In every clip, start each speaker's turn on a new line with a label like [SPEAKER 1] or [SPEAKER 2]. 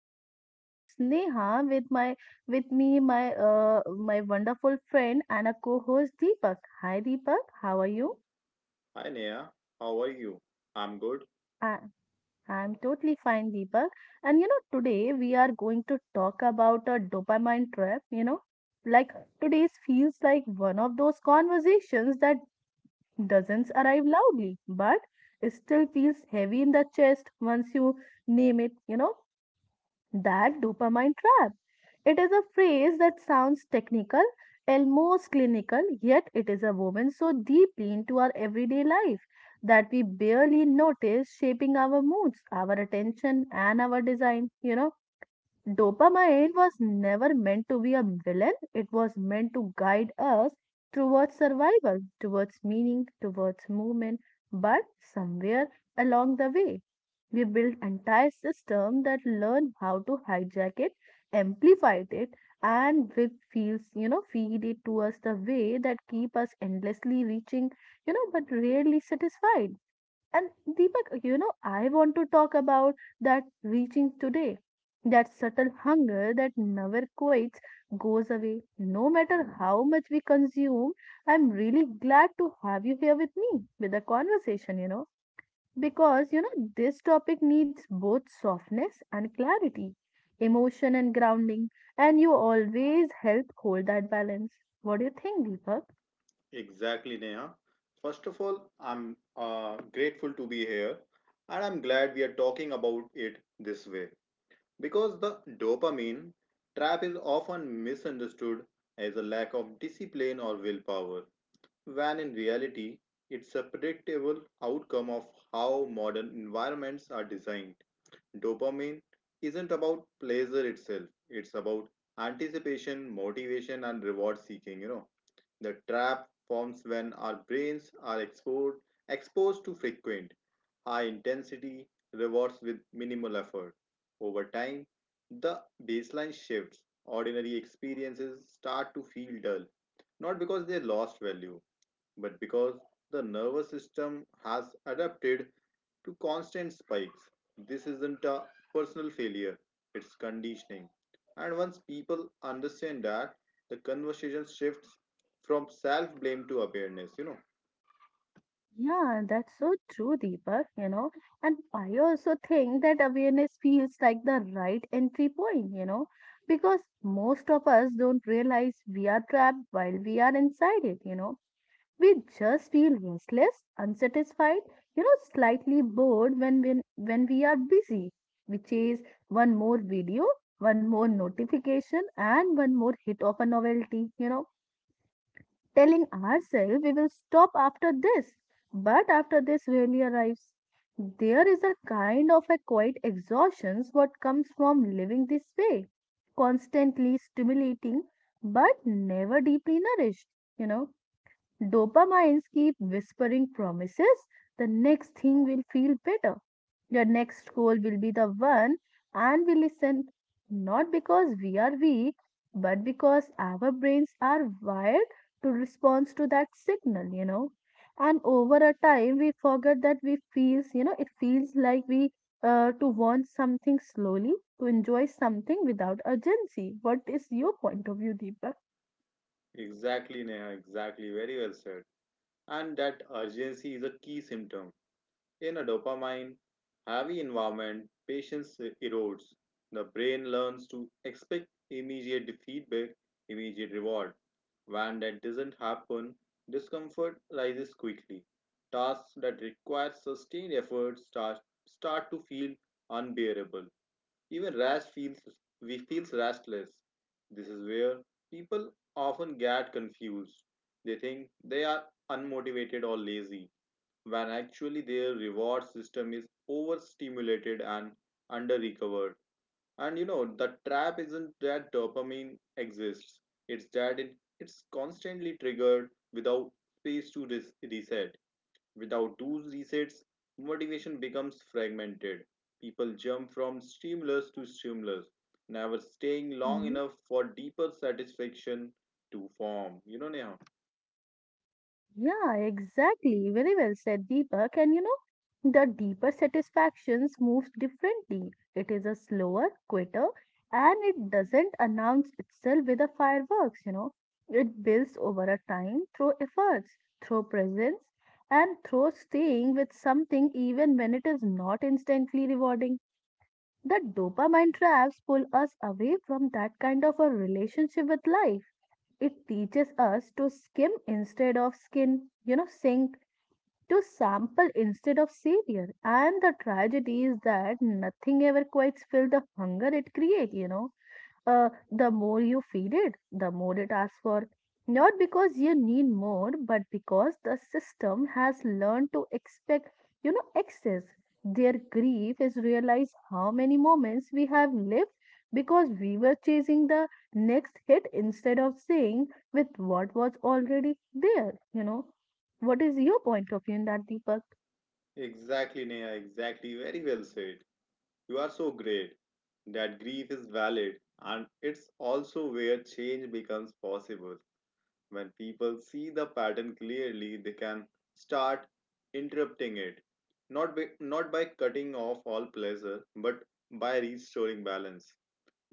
[SPEAKER 1] This is your host Neha with me, my uh my wonderful friend and a co-host Deepak. Hi Deepak, how are you?
[SPEAKER 2] Hi Neha, how are you? I'm good.
[SPEAKER 1] I I'm totally fine Deepak. And today we are going to talk about a dopamine trap. Like Today's feels like one of those conversations that doesn't arrive loudly, but it still feels heavy in the chest once you name it, that dopamine trap. It is a phrase that sounds technical, almost clinical, yet it is a woven so deeply into our everyday life that we barely notice shaping our moods, our attention, and our design. Dopamine was never meant to be a villain, it was meant to guide us towards survival, towards meaning, towards movement. But somewhere along the way, we built entire systems that learn how to hijack it, amplify it, and with feels, feed it to us the way that keep us endlessly reaching, but rarely satisfied. And Deepak, I want to talk about that reaching today, that subtle hunger that never quits, goes away, no matter how much we consume. I'm really glad to have you here with me with a conversation, because, this topic needs both softness and clarity, emotion and grounding, and you always help hold that balance. What do you think, Deepak?
[SPEAKER 2] Exactly, Neha. First of all, I'm grateful to be here, and I'm glad we are talking about it this way because the dopamine trap is often misunderstood as a lack of discipline or willpower, when in reality, it's a predictable outcome of how modern environments are designed. Dopamine isn't about pleasure itself, it's about anticipation, motivation, and reward seeking. You know, the trap forms when our brains are exposed to frequent, high intensity rewards with minimal effort. Over time, the baseline shifts. Ordinary experiences start to feel dull, not because they lost value, but because the nervous system has adapted to constant spikes. This isn't a personal failure, it's conditioning. And once people understand that, the conversation shifts from self blame to awareness, you know.
[SPEAKER 1] Yeah, that's so true, Deepak. And I also think that awareness feels like the right entry point, because most of us don't realize we are trapped while we are inside it. We just feel restless, unsatisfied, slightly bored when we are busy, we chase one more video, one more notification, and one more hit of a novelty, telling ourselves we will stop after this. But after this really arrives, there is a kind of a quiet exhaustion what comes from living this way, constantly stimulating but never deeply nourished, you know. Dopamines keep whispering promises. The next thing will feel better. Your next goal will be the one, and we listen not because we are weak, but because our brains are wired to respond to that signal. And over a time, we forget that we feels, it feels like we to want something slowly, to enjoy something without urgency. What is your point of view, Deepak?
[SPEAKER 2] Exactly, Neha, exactly, very well said. And that urgency is a key symptom. In a dopamine heavy environment, patience erodes. The brain learns to expect immediate feedback, immediate reward. When that doesn't happen, discomfort rises quickly. Tasks that require sustained effort start to feel unbearable. Even rest feels we feels restless. This is where people often get confused. They think they are unmotivated or lazy, when actually their reward system is overstimulated and under-recovered. And you know, the trap isn't that dopamine exists, it's that it's constantly triggered without space to reset. Without those resets, motivation becomes fragmented. People jump from stimulus to stimulus, never staying long enough for deeper satisfaction to form. You know, Neha?
[SPEAKER 1] Yeah, exactly. Very well said, Deepak. And the deeper satisfactions moves differently. It is a slower, quitter, and it doesn't announce itself with a fireworks. It builds over a time through efforts, through presence, and through staying with something even when it is not instantly rewarding. The dopamine traps pull us away from that kind of a relationship with life. It teaches us to skim instead of skin, sink, to sample instead of savior. And the tragedy is that nothing ever quite fills the hunger it creates, the more you feed it, the more it asks for. Not because you need more, but because the system has learned to expect, excess. Their grief is realize how many moments we have lived because we were chasing the next hit instead of saying with what was already there. What is your point of view in that, Deepak?
[SPEAKER 2] Exactly, Neha, exactly. Very well said. You are so great. That grief is valid, and it's also where change becomes possible. When people see the pattern clearly, they can start interrupting it. Not by cutting off all pleasure, but by restoring balance.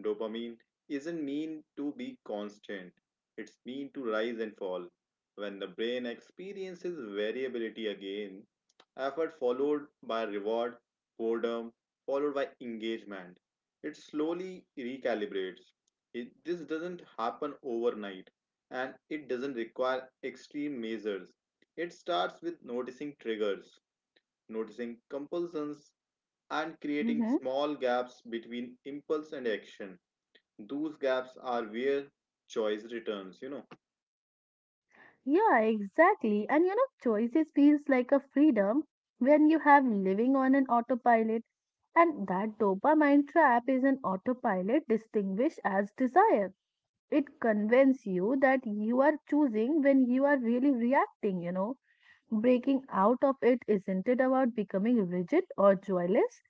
[SPEAKER 2] Dopamine isn't mean to be constant, it's mean to rise and fall. When the brain experiences variability again, effort followed by reward, boredom, followed by engagement, it slowly recalibrates. This doesn't happen overnight, and it doesn't require extreme measures. It starts with noticing triggers, noticing compulsions, and creating
[SPEAKER 1] Hmm.
[SPEAKER 2] small gaps between impulse and action. Those gaps are where choice returns, you know.
[SPEAKER 1] Yeah, exactly. And choices feels like a freedom when you have living on an autopilot. And that dopamine trap is an autopilot distinguished as desire. It convinces you that you are choosing when you are really reacting. Breaking out of it isn't it about becoming rigid or joyless?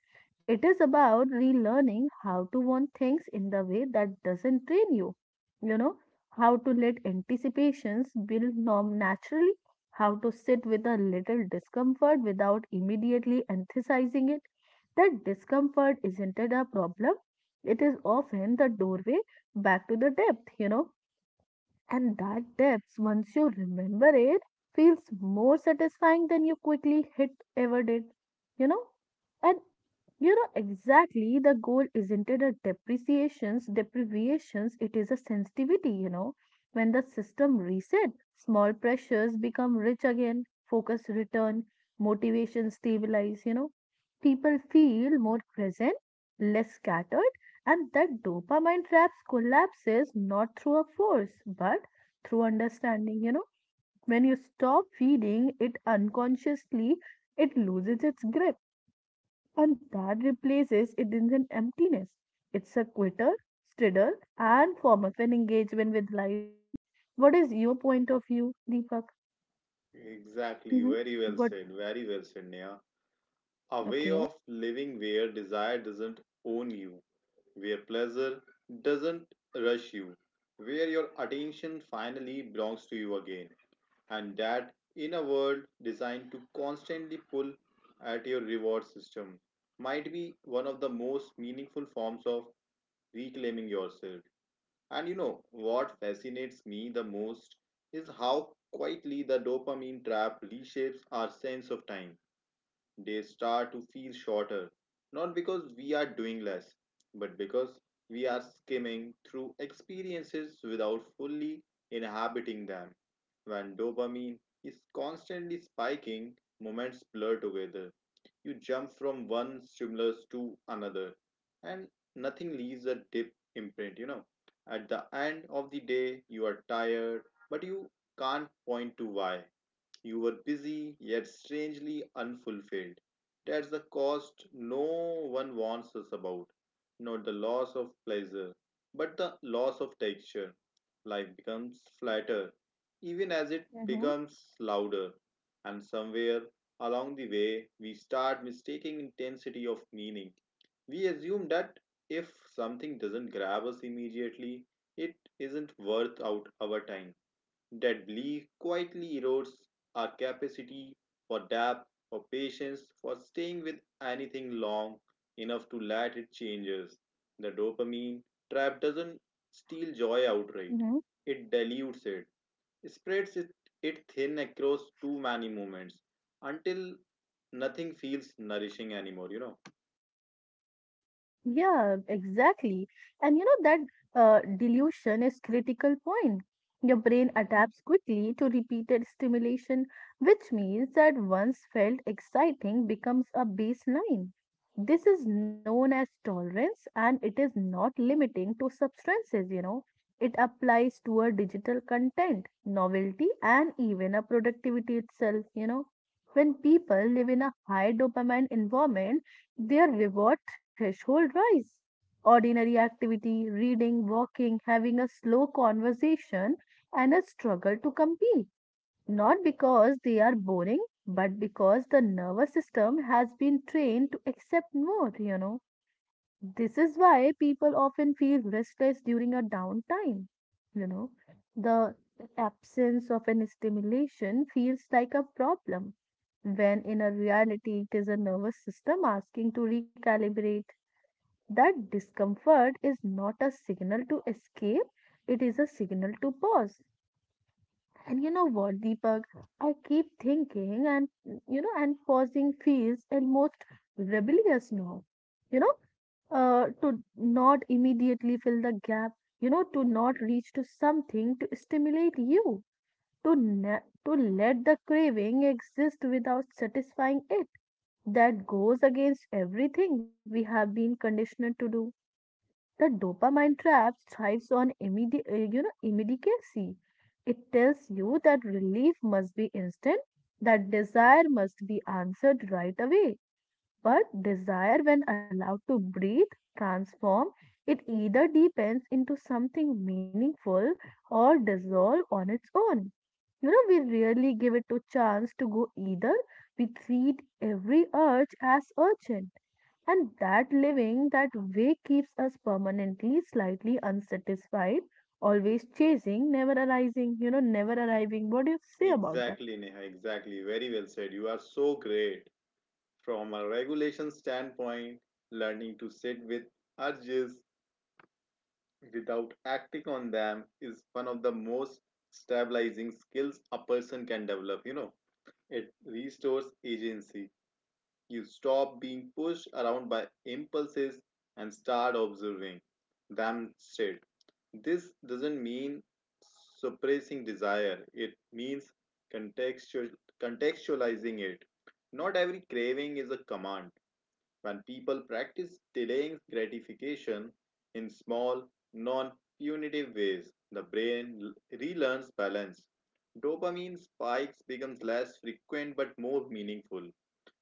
[SPEAKER 1] It is about relearning how to want things in the way that doesn't drain you. You know, how to let anticipations build norm naturally, how to sit with a little discomfort without immediately emphasizing it. That discomfort isn't it a problem? It is often the doorway back to the depth, and that depth, once you remember it, feels more satisfying than you quickly hit ever did. You know? And exactly the goal isn't it a depreciations, deprivations, it is a sensitivity. When the system reset, small pressures become rich again, focus return, motivation stabilize. People feel more present, less scattered, and that dopamine traps collapses not through a force but through understanding. You know, when you stop feeding it unconsciously it loses its grip, and that replaces it in an emptiness. It's a quitter, stridor, and form of an engagement with life. What is your point of view, Deepak?
[SPEAKER 2] Exactly.
[SPEAKER 1] Mm-hmm.
[SPEAKER 2] Very well said.
[SPEAKER 1] What?
[SPEAKER 2] Very well said, Neha. A way of
[SPEAKER 1] Okay.
[SPEAKER 2] living where desire doesn't own you, where pleasure doesn't rush you, where your attention finally belongs to you again. And that, in a world designed to constantly pull at your reward system, might be one of the most meaningful forms of reclaiming yourself. And you know what fascinates me the most is how quietly the dopamine trap reshapes our sense of time. They start to feel shorter, not because we are doing less, but because we are skimming through experiences without fully inhabiting them. When dopamine is constantly spiking, moments blur together. You jump from one stimulus to another, and nothing leaves a deep imprint, you know. At the end of the day, you are tired, but you can't point to why. You were busy, yet strangely unfulfilled. That's the cost no one warns us about. Not the loss of pleasure, but the loss of texture. Life becomes flatter, even as it
[SPEAKER 1] Mm-hmm.
[SPEAKER 2] becomes louder. And somewhere along the way, we start mistaking intensity of meaning. We assume that if something doesn't grab us immediately, it isn't worth out our time. That belief quietly erodes our capacity for depth, for patience, for staying with anything long enough to let it change us. The dopamine trap doesn't steal joy outright, it dilutes it, spreads it, it thin across too many moments until nothing feels nourishing anymore, you know.
[SPEAKER 1] Yeah, exactly. And you know that delusion is critical point. Your brain adapts quickly to repeated stimulation, which means that once felt exciting becomes a baseline. This is known as tolerance and it is not limiting to substances. It applies to a digital content, novelty, and even a productivity itself. When people live in a high dopamine environment, their reward threshold rise. Ordinary activity, reading, walking, having a slow conversation, and a struggle to compete. Not because they are boring, but because the nervous system has been trained to accept more. This is why people often feel restless during a downtime. You know, the absence of an stimulation feels like a problem when in a reality it is a nervous system asking to recalibrate. That discomfort is not a signal to escape, it is a signal to pause. And you know what, Deepak? I keep thinking, and and pausing feels almost rebellious now. You know, to not immediately fill the gap, to not reach to something to stimulate you, to na to let the craving exist without satisfying it. That goes against everything we have been conditioned to do. The dopamine trap thrives on immediate, immediacy. It tells you that relief must be instant, that desire must be answered right away. But desire, when allowed to breathe, transform, it either deepens into something meaningful or dissolve on its own. We rarely give it a chance to go either. We treat every urge as urgent, and that living that way keeps us permanently slightly unsatisfied, always chasing, never arising, never arriving. What do you say about that?
[SPEAKER 2] Exactly, Neha, exactly. Very well said. You are so great. From a regulation standpoint, learning to sit with urges without acting on them is one of the most stabilizing skills a person can develop, you know. It restores agency. You stop being pushed around by impulses and start observing them instead. This doesn't mean suppressing desire, it means contextual contextualizing it. Not every craving is a command. When people practice delaying gratification in small, non punitive ways, the brain relearns balance. Dopamine spikes becomes less frequent but more meaningful.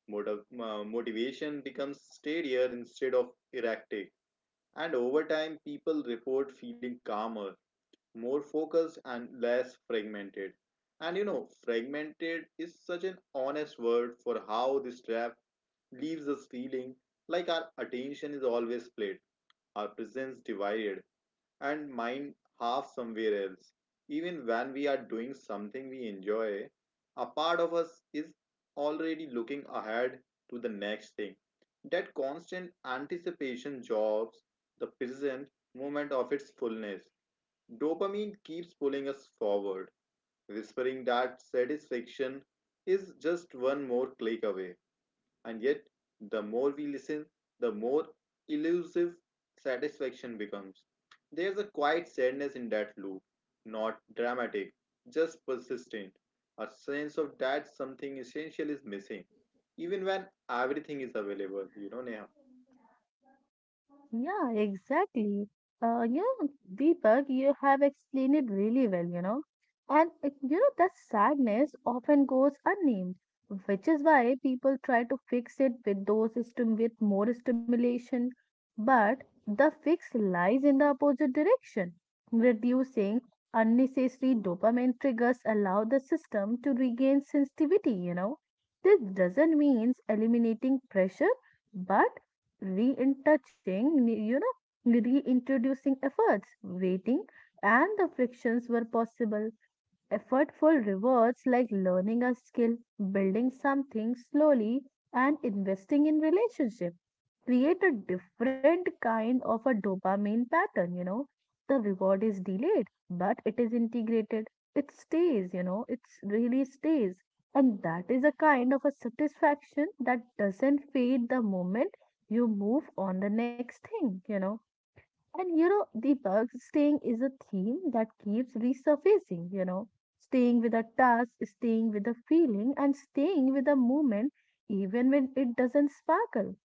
[SPEAKER 2] Motivation becomes steadier instead of erratic. And over time, people report feeling calmer, more focused and less fragmented. And you know, fragmented is such an honest word for how this trap leaves us feeling like our attention is always split, our presence divided, and mind half somewhere else. Even when we are doing something we enjoy, a part of us is already looking ahead to the next thing. That constant anticipation jobs the present moment of its fullness. Dopamine keeps pulling us forward, whispering that satisfaction is just one more click away. And yet, the more we listen, the more elusive satisfaction becomes. There's a quiet sadness in that loop, not dramatic, just persistent. A sense of that something essential is missing, even when everything is available. You know, Neha?
[SPEAKER 1] Yeah, exactly. Uh, you know, Deepak, you have explained it really well. And it, that sadness often goes unnamed, which is why people try to fix it with those stim with more stimulation. But the fix lies in the opposite direction. Reducing unnecessary dopamine triggers allow the system to regain sensitivity. This doesn't mean eliminating pressure, but re-touching, reintroducing efforts, waiting, and the frictions were possible. Effortful rewards like learning a skill, building something slowly, and investing in relationship create a different kind of a dopamine pattern. The reward is delayed, but it is integrated. It stays, it really stays. And that is a kind of a satisfaction that doesn't fade the moment you move on the next thing, and you know, Deepak, staying is a theme that keeps resurfacing, staying with a task, staying with a feeling, and staying with a moment, even when it doesn't sparkle.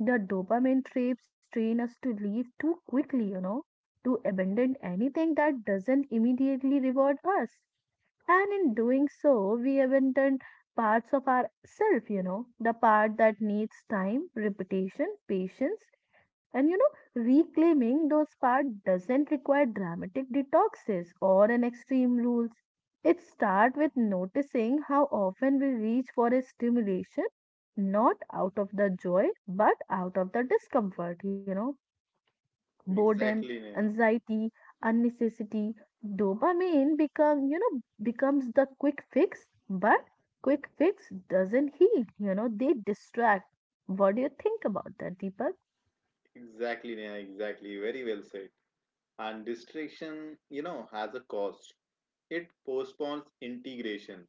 [SPEAKER 1] The dopamine trips train us to leave too quickly, to abandon anything that doesn't immediately reward us. And in doing so, we abandon parts of ourself, the part that needs time, repetition, patience. And reclaiming those parts doesn't require dramatic detoxes or an extreme rules. It starts with noticing how often we reach for a stimulation, not out of the joy, but out of the discomfort, boredom,
[SPEAKER 2] Exactly, Neha.
[SPEAKER 1] anxiety, unnecessity. Dopamine becomes the quick fix, but quick fix doesn't heal. They distract. What do you think about that, Deepak?
[SPEAKER 2] Exactly, Neha. Exactly. Very well said. And distraction, you know, has a cost. It postpones integration.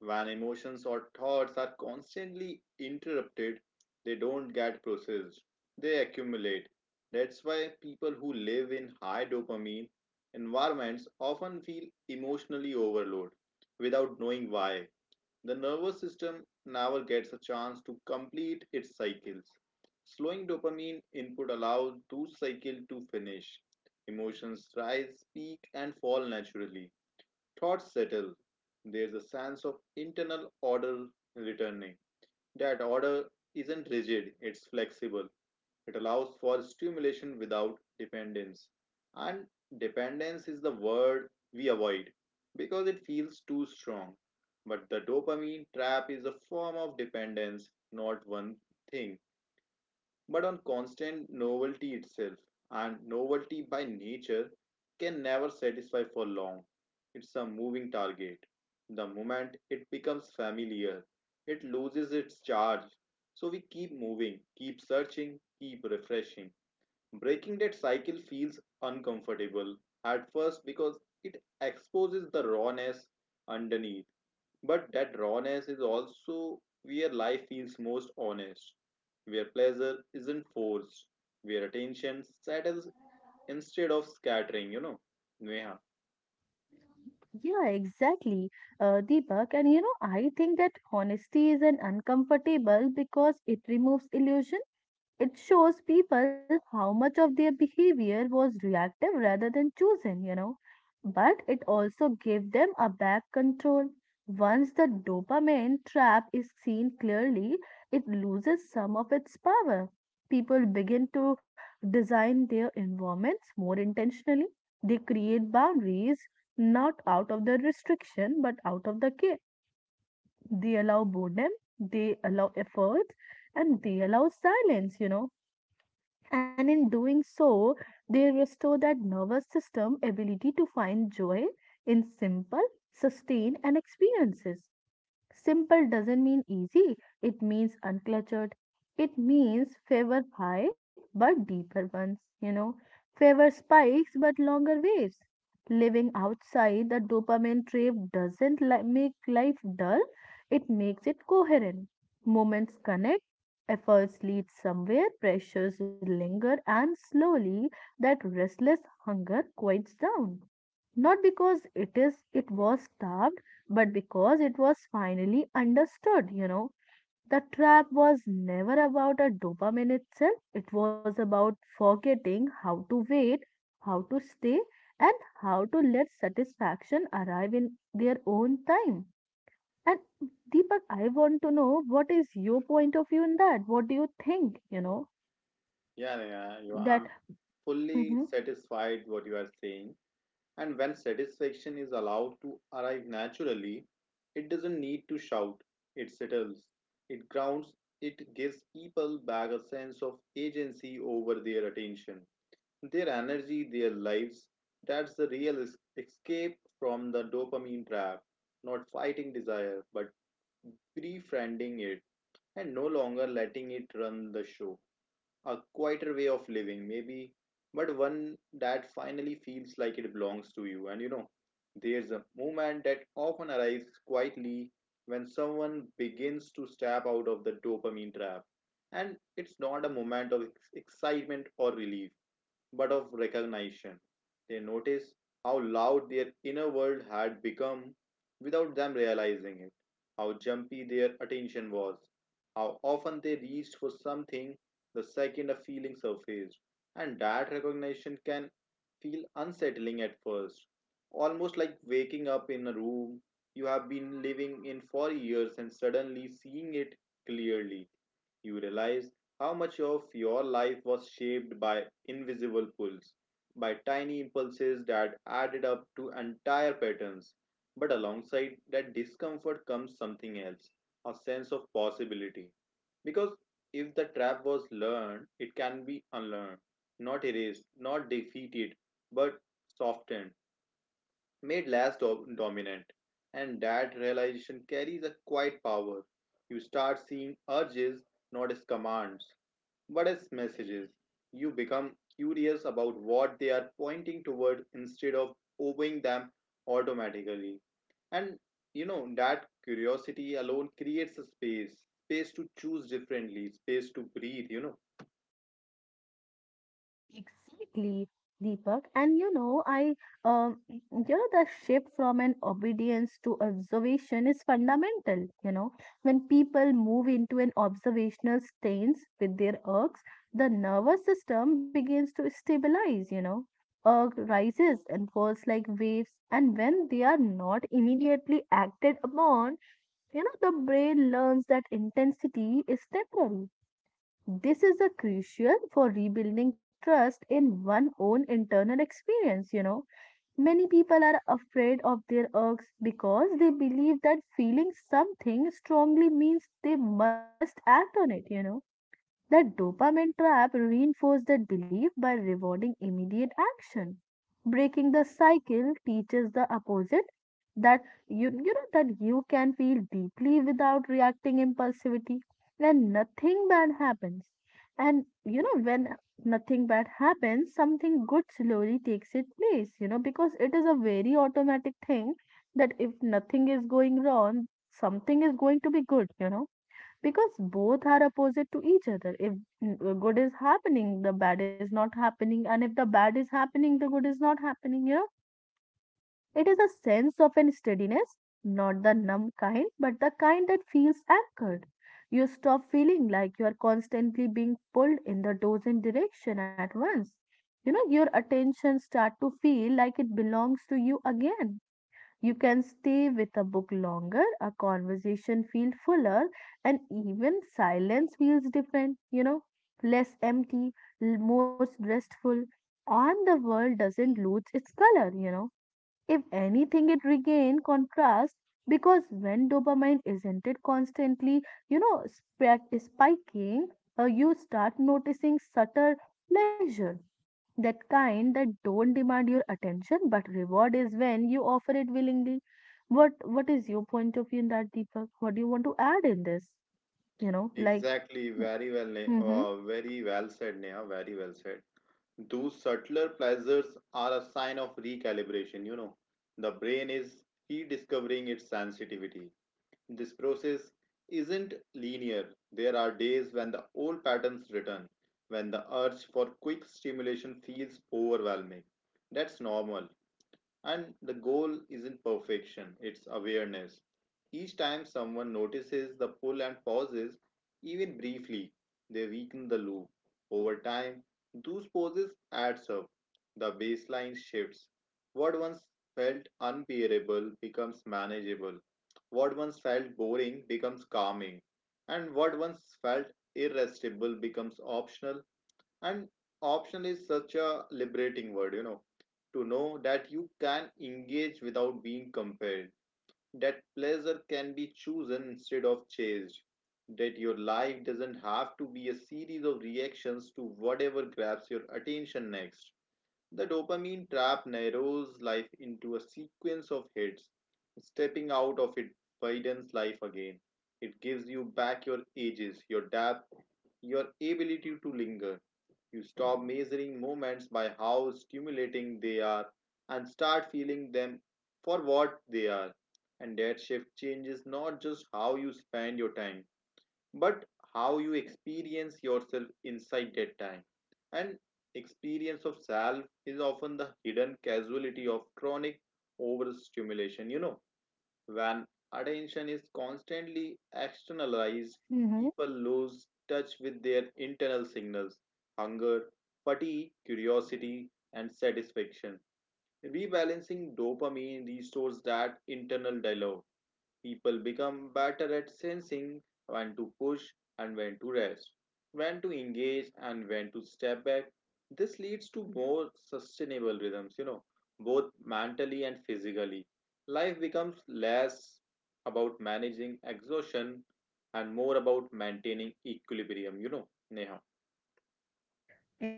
[SPEAKER 2] When emotions or thoughts are constantly interrupted, they don't get processed, they accumulate. That's why people who live in high dopamine environments often feel emotionally overloaded without knowing why. The nervous system never gets a chance to complete its cycles. Slowing dopamine input allows those cycles to finish. Emotions rise, peak, and fall naturally. Thoughts settle. There's a sense of internal order returning. That order isn't rigid, it's flexible. It allows for stimulation without dependence. And dependence is the word we avoid because it feels too strong. But the dopamine trap is a form of dependence, not one thing, but on constant novelty itself. And novelty by nature can never satisfy for long. It's a moving target. The moment it becomes familiar, it loses its charge. So we keep moving, keep searching, keep refreshing. Breaking that cycle feels uncomfortable at first because it exposes the rawness underneath. But that rawness is also where life feels most honest, where pleasure isn't forced, where attention settles instead of scattering, you know. Neha.
[SPEAKER 1] Yeah, exactly, Deepak. And I think that honesty is an uncomfortable because it removes illusion. It shows people how much of their behavior was reactive rather than chosen. But it also gave them a back control. Once the dopamine trap is seen clearly, it loses some of its power. People begin to design their environments more intentionally. They create boundaries not out of the restriction but out of the care. They allow boredom, they allow efforts, and they allow silence, and in doing so, they restore that nervous system ability to find joy in simple, sustained, and experiences. Simple doesn't mean easy, it means uncluttered. It means favor high but deeper ones. Favor spikes but longer waves. Living outside the dopamine trap doesn't make life dull, it makes it coherent. Moments connect, efforts lead somewhere, pressures linger, and slowly that restless hunger quiets down, not because it was starved, but because it was finally understood. The trap was never about a dopamine itself. It was about forgetting how to wait, how to stay, and how to let satisfaction arrive in their own time. And Deepak, I want to know what is your point of view in that? What do you think, you know that
[SPEAKER 2] I'm
[SPEAKER 1] Mhm.
[SPEAKER 2] fully satisfied what you are saying. And when satisfaction is allowed to arrive naturally, it doesn't need to shout, it settles, it grounds, it gives people back a sense of agency over their attention, their energy, their lives. That's the real escape from the dopamine trap, not fighting desire, but befriending it and no longer letting it run the show. A quieter way of living, maybe, but one that finally feels like it belongs to you. And you know, there's a moment that often arrives quietly when someone begins to step out of the dopamine trap. And it's not a moment of excitement or relief but of recognition. They noticed how loud their inner world had become without them realizing it, how jumpy their attention was, how often they reached for something the second a feeling surfaced. And that recognition can feel unsettling at first, almost like waking up in a room you have been living in for years and suddenly seeing it clearly. You realize how much of your life was shaped by invisible pulls, by tiny impulses that added up to entire patterns? But alongside that discomfort comes something else, a sense of possibility. Because if the trap was learned, it can be unlearned, not erased, not defeated, but softened, made less dominant. And that realization carries a quiet power. You start seeing urges not as commands, what is messages? You become curious about what they are pointing toward instead of obeying them automatically. And you know, that curiosity alone creates a space, space to choose differently, space to breathe, you know.
[SPEAKER 1] Exactly, Deepak. And you know, I um, you the shift from an obedience to observation is fundamental. You know, when people move into an observational stance with their ergs, the nervous system begins to stabilize. You know, erg rises and falls like waves, and when they are not immediately acted upon, you know, the brain learns that intensity is temporary. This is a crucial for rebuilding trust in one own internal experience, you know. Many people are afraid of their urges because they believe that feeling something strongly means they must act on it, you know. That dopamine trap reinforces that belief by rewarding immediate action. Breaking the cycle teaches the opposite, that you can feel deeply without reacting impulsivity when nothing bad happens. And you know, when nothing bad happens, something good slowly takes its place, you know, because it is a very automatic thing that if nothing is going wrong, something is going to be good, you know, because both are opposite to each other. If good is happening, the bad is not happening, and if the bad is happening, the good is not happening, you know. It is a sense of an steadiness, not the numb kind, but the kind that feels anchored. You stop feeling like you are constantly being pulled in the dozen direction at once. You know, your attention start to feel like it belongs to you again. You can stay with a book longer, a conversation feels fuller, and even silence feels different, you know, less empty, more restful. And the world doesn't lose its color, you know. If anything, it regain contrast, because when dopamine isn't it constantly, you know, spiking, you start noticing subtle pleasure. That kind that don't demand your attention, but reward is when you offer it willingly. What is your point of view in that, Deepak? What do you want to add in this? You know, like,
[SPEAKER 2] Exactly, very well,
[SPEAKER 1] mm-hmm,
[SPEAKER 2] very well said, Neha, very well said. Those subtler pleasures are a sign of recalibration, you know. The brain is rediscovering its sensitivity. This process isn't linear. There are days when the old patterns return, when the urge for quick stimulation feels overwhelming. That's normal. And the goal isn't perfection, it's awareness. Each time someone notices the pull and pauses, even briefly, they weaken the loop. Over time, those pauses adds up. The baseline shifts. What once felt unbearable becomes manageable. What once felt boring becomes calming. And what once felt irresistible becomes optional. And optional is such a liberating word, you know, to know that you can engage without being compelled, that pleasure can be chosen instead of chased, that your life doesn't have to be a series of reactions to whatever grabs your attention next. The dopamine trap narrows life into a sequence of hits. Stepping out of it widens life again. It gives you back your ages, your depth, your ability to linger. You stop measuring moments by how stimulating they are and start feeling them for what they are. And that shift changes not just how you spend your time, but how you experience yourself inside that time. And experience of self is often the hidden casualty of chronic overstimulation. You know, when attention is constantly externalized,
[SPEAKER 1] mm-hmm,
[SPEAKER 2] people lose touch with their internal signals: hunger, fatigue, curiosity, and satisfaction. Rebalancing dopamine restores that internal dialogue. People become better at sensing when to push and when to rest, when to engage and when to step back. This leads to more sustainable rhythms, you know, both mentally and physically. Life becomes less about managing exhaustion and more about maintaining equilibrium, you know. Neha.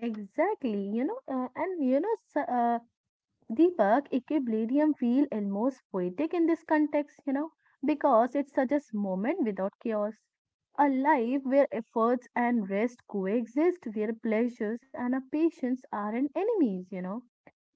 [SPEAKER 1] exactly. You know, and you know, Deepak, equilibrium feel almost poetic in this context, you know, because it suggests moment without chaos. A life where efforts and rest coexist, where pleasures and a patience aren't enemies, you know,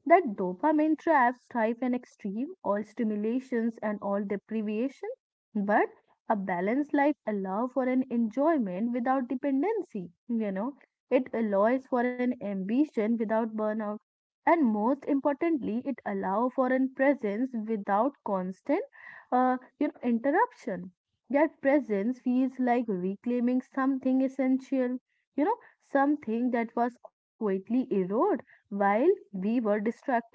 [SPEAKER 1] that dopamine traps thrive in extreme, all stimulations and all deprivation, but a balanced life allows for an enjoyment without dependency, you know. It allows for an ambition without burnout, and most importantly, it allows for an presence without constant, you know, interruption. That presence feels like reclaiming something essential, you know, something that was quietly eroded while we were distracted.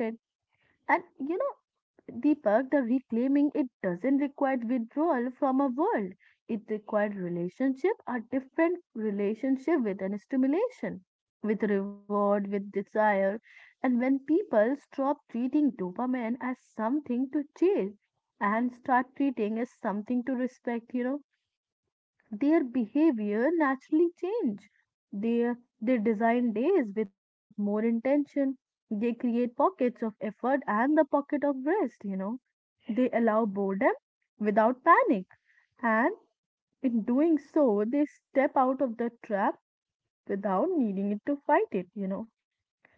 [SPEAKER 1] And you know, Deepak, the reclaiming it doesn't require withdrawal from a world. It required relationship, a different relationship with an stimulation, with reward, with desire. And when people stop treating dopamine as something to chase and start treating as something to respect, you know, their behavior naturally change. They, they design days with more intention. They create pockets of effort and the pocket of rest, you know. They allow boredom without panic. And in doing so, they step out of the trap without needing it to fight it, you know.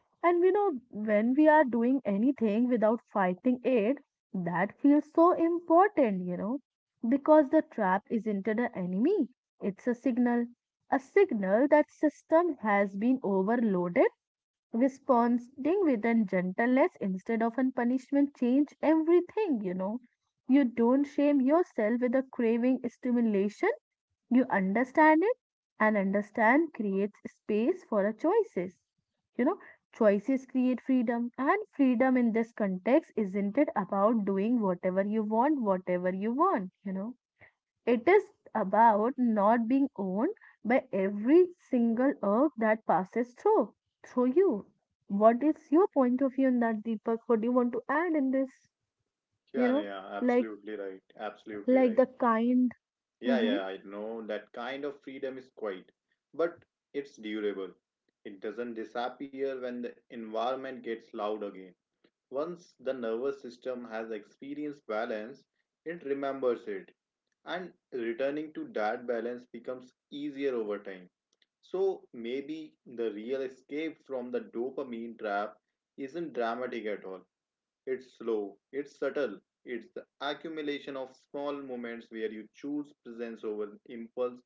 [SPEAKER 1] And we know when we are doing anything without fighting it, that feels so important, you know, because the trap isn't an enemy, it's a signal. A signal that system has been overloaded. Responding with a gentleness instead of a punishment change everything, you know. You don't shame yourself with a craving stimulation, you understand it, and understand creates space for a choices. You know, choices create freedom, and freedom in this context isn't it about doing whatever you want, you know. It is about not being owned by every single urge that passes through you. What is your point of view in that, Deepak? What do you want to add in this? You
[SPEAKER 2] Yeah,
[SPEAKER 1] know,
[SPEAKER 2] yeah,
[SPEAKER 1] like
[SPEAKER 2] absolutely right. Absolutely
[SPEAKER 1] like
[SPEAKER 2] right.
[SPEAKER 1] the kind.
[SPEAKER 2] Yeah,
[SPEAKER 1] Mm-hmm.
[SPEAKER 2] yeah, I know that kind of freedom is quiet, but it's durable. It doesn't disappear when the environment gets loud again. Once the nervous system has experienced balance, it remembers it, and returning to that balance becomes easier over time. So maybe the real escape from the dopamine trap isn't dramatic at all. It's slow, it's subtle, it's the accumulation of small moments where you choose presence over impulse,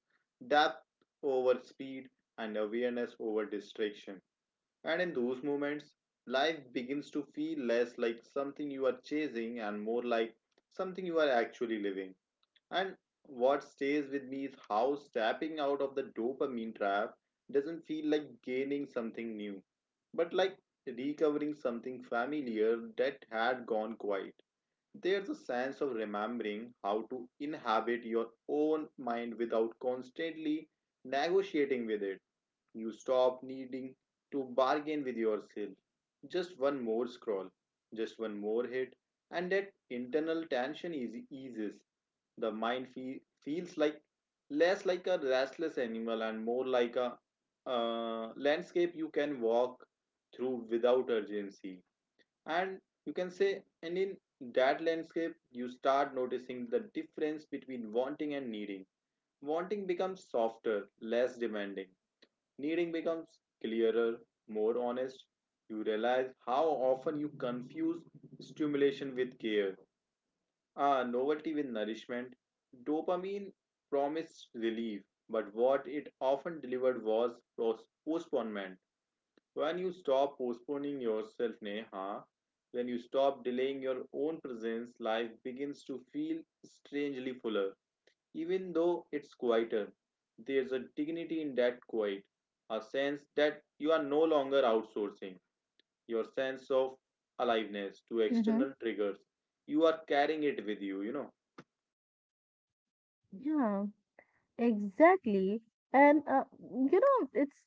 [SPEAKER 2] depth over speed, and awareness over distraction. And in those moments, life begins to feel less like something you are chasing and more like something you are actually living. And what stays with me is how stepping out of the dopamine trap doesn't feel like gaining something new, but like recovering something familiar that had gone quiet. There's a sense of remembering how to inhabit your own mind without constantly negotiating with it. You stop needing to bargain with yourself. Just one more scroll, just one more hit, and that internal tension is eases. The feels like less like a restless animal and more like a landscape you can walk through without urgency. And you can say, and in that landscape, you start noticing the difference between wanting and needing. Wanting becomes softer, less demanding. Needing becomes clearer, more honest. You realize how often you confuse stimulation with care, novelty with nourishment. Dopamine promised relief, but what it often delivered was postponement. When you stop postponing yourself, Neha, when you stop delaying your own presence, life begins to feel strangely fuller. Even though it's quieter, there's a dignity in that quiet, a sense that you are no longer outsourcing your sense of aliveness to
[SPEAKER 1] Mm-hmm.
[SPEAKER 2] external triggers. You are carrying it with you, you know.
[SPEAKER 1] Yeah. Exactly. And you know, it's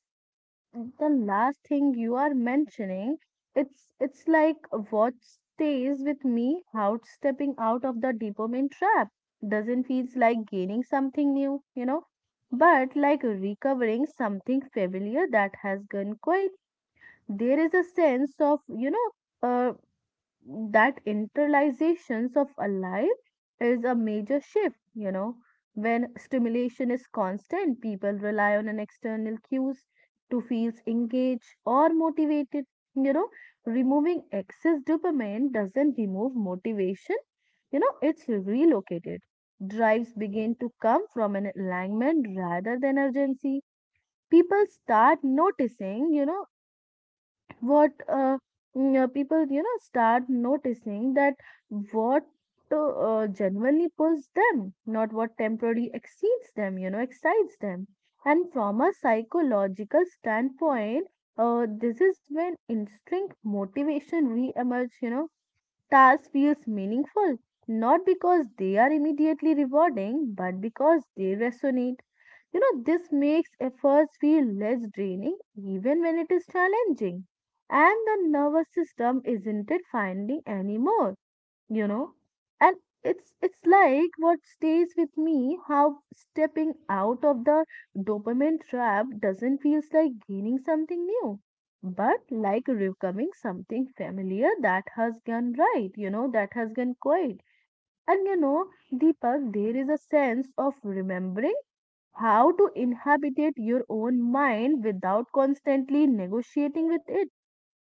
[SPEAKER 1] the last thing you are mentioning. It's like what stays with me out stepping out of the dopamine trap doesn't feels like gaining something new, you know, but like recovering something familiar that has gone quiet. There is a sense of, you know, uh, that internalizations of alive is a major shift, you know. When stimulation is constant, people rely on an external cues to feel engaged or motivated, you know. Removing excess dopamine doesn't remove motivation, you know, it's relocated. Drives begin to come from an alignment rather than urgency. People start noticing, you know, what uh, people, you know, start noticing that what genuinely pulls them, not what temporarily exceeds them, you know, excites them. And from a psychological standpoint, this is when instinct motivation re-emerge, you know. Task feels meaningful not because they are immediately rewarding, but because they resonate. You know, this makes efforts feel less draining even when it is challenging. And the nervous system isn't it finding anymore, you know? And it's like what stays with me how stepping out of the dopamine trap doesn't feel like gaining something new, but like recovering something familiar that has gone right, you know, that has gone quiet. And you know, Deepak, there is a sense of remembering how to inhabitate your own mind without constantly negotiating with it.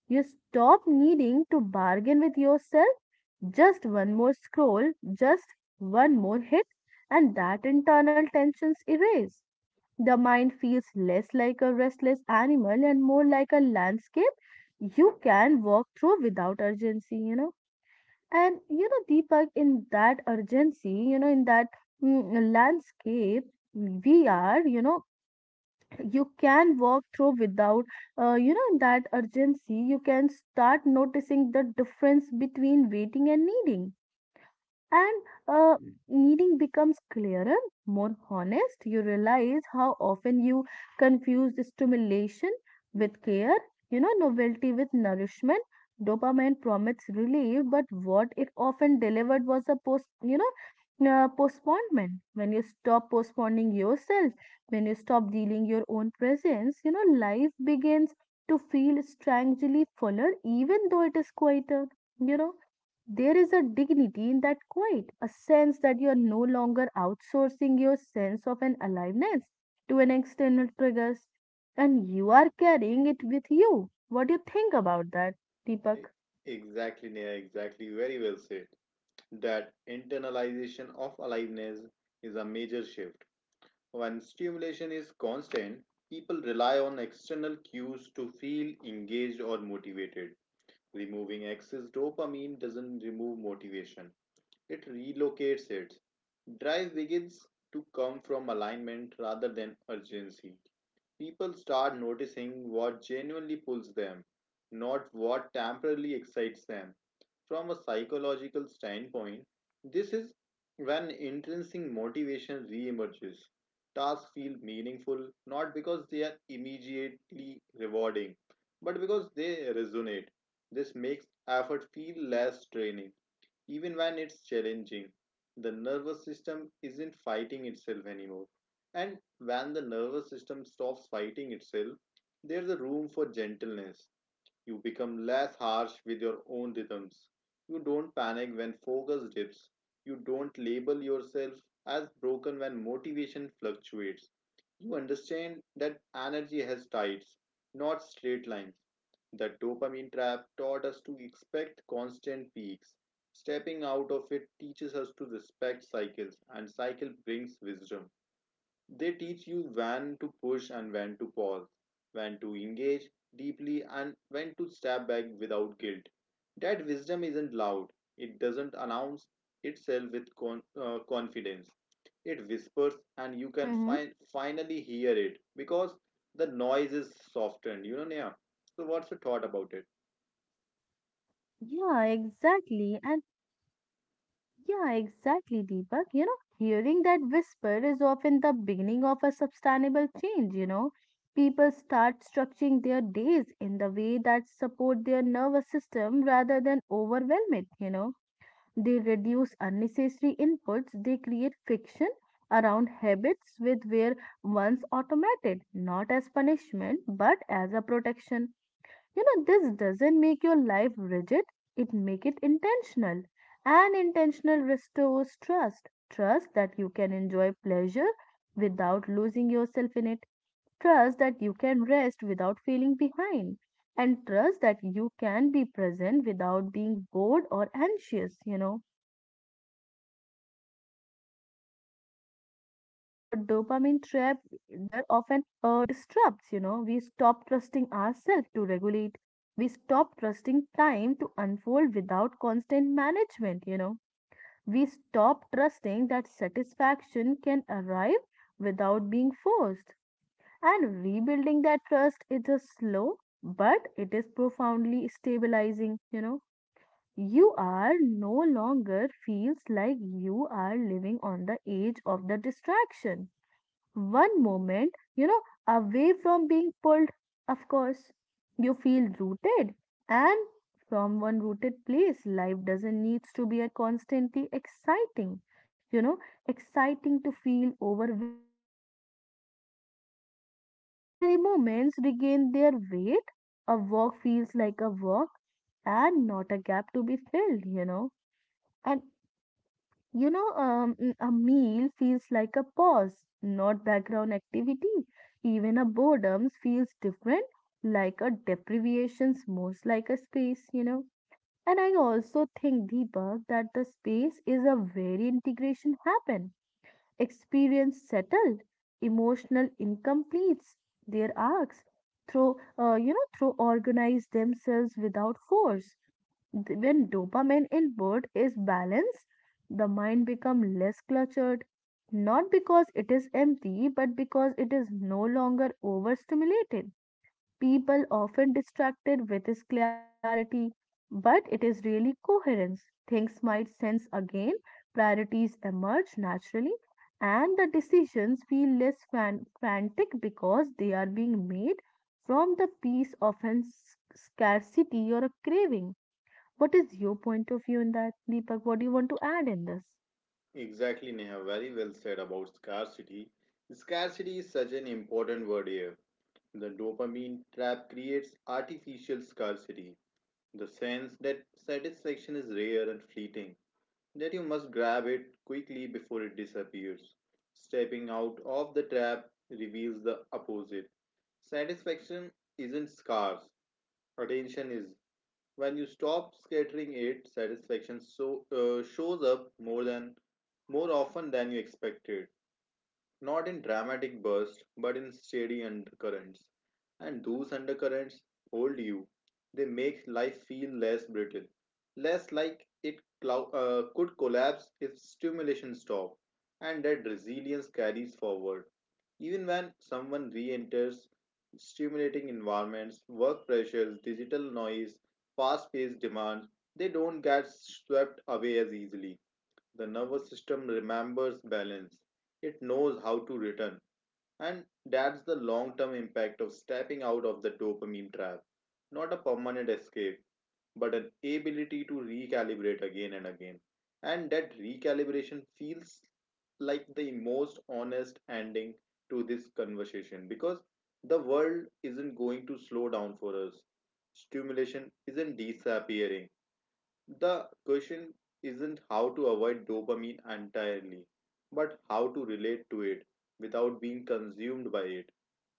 [SPEAKER 1] You stop needing to bargain with yourself. Just one more scroll, just one more hit, and that internal tension's erase. The mind feels less like a restless animal and more like a landscape you can walk through without urgency, you know. And you know, Deepak, in that urgency, you know, in that landscape, we are, you know, you can walk through without you know, that urgency, you can start noticing the difference between waiting and needing. And uh, meaning becomes clearer, more honest. You realize how often you confuse stimulation with care, you know, novelty with nourishment. Dopamine promised relief, but what it often delivered was a post, you know, postponement. When you stop postponing yourself, when you stop dealing your own presence, you know, life begins to feel strangely fuller, even though it is quieter. You know. There is a dignity in that quiet, a sense that you are no longer outsourcing your sense of an aliveness to an external triggers, and you are carrying it with you. What do you think about that,
[SPEAKER 2] E-
[SPEAKER 1] Deepak?
[SPEAKER 2] Exactly, Neha, exactly. Very well said. That internalization of aliveness is a major shift. When stimulation is constant, people rely on external cues to feel engaged or motivated. Removing excess dopamine doesn't remove motivation, it relocates it. Drive begins to come from alignment rather than urgency. People start noticing what genuinely pulls them, not what temporarily excites them. From a psychological standpoint, this is when intrinsic motivation reemerges. Tasks feel meaningful not because they are immediately rewarding, but because they resonate. This makes effort feel less draining. Even when it's challenging, the nervous system isn't fighting itself anymore. And when the nervous system stops fighting itself, there's a room for gentleness. You become less harsh with your own rhythms. You don't panic when focus dips. You don't label yourself as broken when motivation fluctuates. You understand that energy has tides, not straight lines. The dopamine trap taught us to expect constant peaks. Stepping out of it teaches us to respect cycles, and cycle brings wisdom. They teach you when to push and when to pause, when to engage deeply and when to step back without guilt. That wisdom isn't loud, it doesn't announce itself with confidence. It whispers, and you can
[SPEAKER 1] Mm-hmm.
[SPEAKER 2] finally hear it because the noise is softened. You know, Neha. So, what's your thought about it?
[SPEAKER 1] Yeah, exactly. And yeah, exactly, Deepak. You know, hearing that whisper is often the beginning of a sustainable change, you know. People start structuring their days in the way that support their nervous system rather than overwhelm it, you know. They reduce unnecessary inputs. They create friction around habits with where once automated, not as punishment, but as a protection. You know, this doesn't make your life rigid. It make it intentional. And intentional restores trust. Trust that you can enjoy pleasure without losing yourself in it. Trust that you can rest without feeling behind, and trust that you can be present without being bored or anxious, you know. Trust might be the deepest repair of an dopamine trap disrupts, you know. We stop trusting ourselves to regulate. We stop trusting time to unfold without constant management, you know. We stop trusting that satisfaction can arrive without being forced. And rebuilding that trust is a slow, but it is profoundly stabilizing, you know. You are no longer feels like you are living on the edge of the distraction. One moment, you know, away from being pulled, of course, you feel rooted. And from one rooted place, life doesn't needs to be a constantly exciting, you know, exciting to feel overwhelming, you know, worthwhile. Ordinary moments regain their weight. A walk feels like a walk and not a gap to be filled, you know. And you know, a meal feels like a pause, not background activity. Even a boredom feels different, like a deprivation's most like a space, you know. And I also think, Deepak, that the space is a where integration happen. Experience settled, emotional incompletes their arcs through, you know, through organize themselves without force. When dopamine input is balanced, the mind becomes less cluttered, not because it is empty, but because it is no longer overstimulated. People often distracted with its clarity, but it is really coherence. Things might sense again, priorities emerge naturally, and the decisions feel less frantic because they are being made from the peace of a scarcity or a craving. What is your point of view in that, Deepak? What do you want to add in this?
[SPEAKER 2] Exactly, Neha. Very well said about scarcity. Scarcity is such an important word here. The dopamine trap creates artificial scarcity, the sense that satisfaction is rare and fleeting, that you must grab it quickly before it disappears. Stepping out of the trap reveals the opposite. Satisfaction isn't scarce, attention is. When you stop scattering it, satisfaction so, shows up more than more often than you expected, not in dramatic bursts, but in steady undercurrents. And those undercurrents hold you. They make life feel less brittle, less like it could collapse if stimulation stopped. And that resilience carries forward. Even when someone re enters stimulating environments, work pressures, digital noise, fast paced demands, they don't get swept away as easily. The nervous system remembers balance, it knows how to return, and that's the long term impact of stepping out of the dopamine trap. Not a permanent escape, but an ability to recalibrate again and again. And that recalibration feels like the most honest ending to this conversation because the world isn't going to slow down for us. Stimulation isn't disappearing, the question isn't how to avoid dopamine entirely, but how to relate to it without being consumed by it.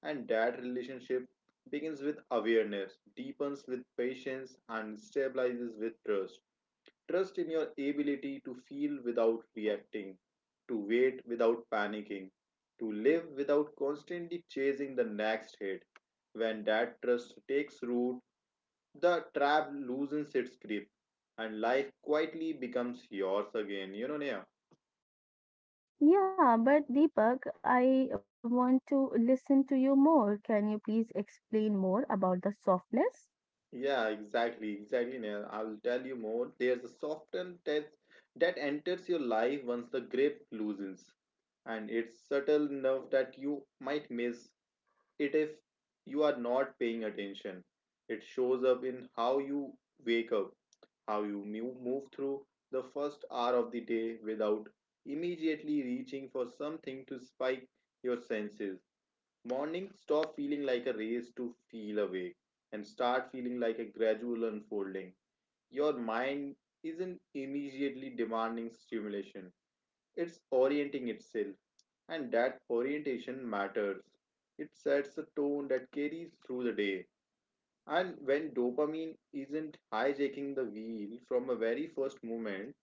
[SPEAKER 2] And that relationship begins with awareness, deepens with patience, and stabilizes with trust. Trust in your ability to feel without reacting, to wait without panicking, to live without constantly chasing the next hit. When that trust takes root, the trap loosens its grip and life quietly becomes yours again. You know, Neha?
[SPEAKER 1] Yeah, but Deepak, I want to listen to you more. Can you please explain more about the softness?
[SPEAKER 2] Yeah, exactly, exactly, Neha. I'll tell you more. There's a softened test that enters your life once the grip loosens, and it's subtle enough that you might miss it if you are not paying attention. It shows up in how you wake up, how you move through the first hour of the day without immediately reaching for something to spike your senses. Morning, stop feeling like a race to feel awake and start feeling like a gradual unfolding. Your mind isn't immediately demanding stimulation, it's orienting itself, and that orientation matters. It sets a tone that carries through the day. And when dopamine isn't hijacking the wheel from a very first moment,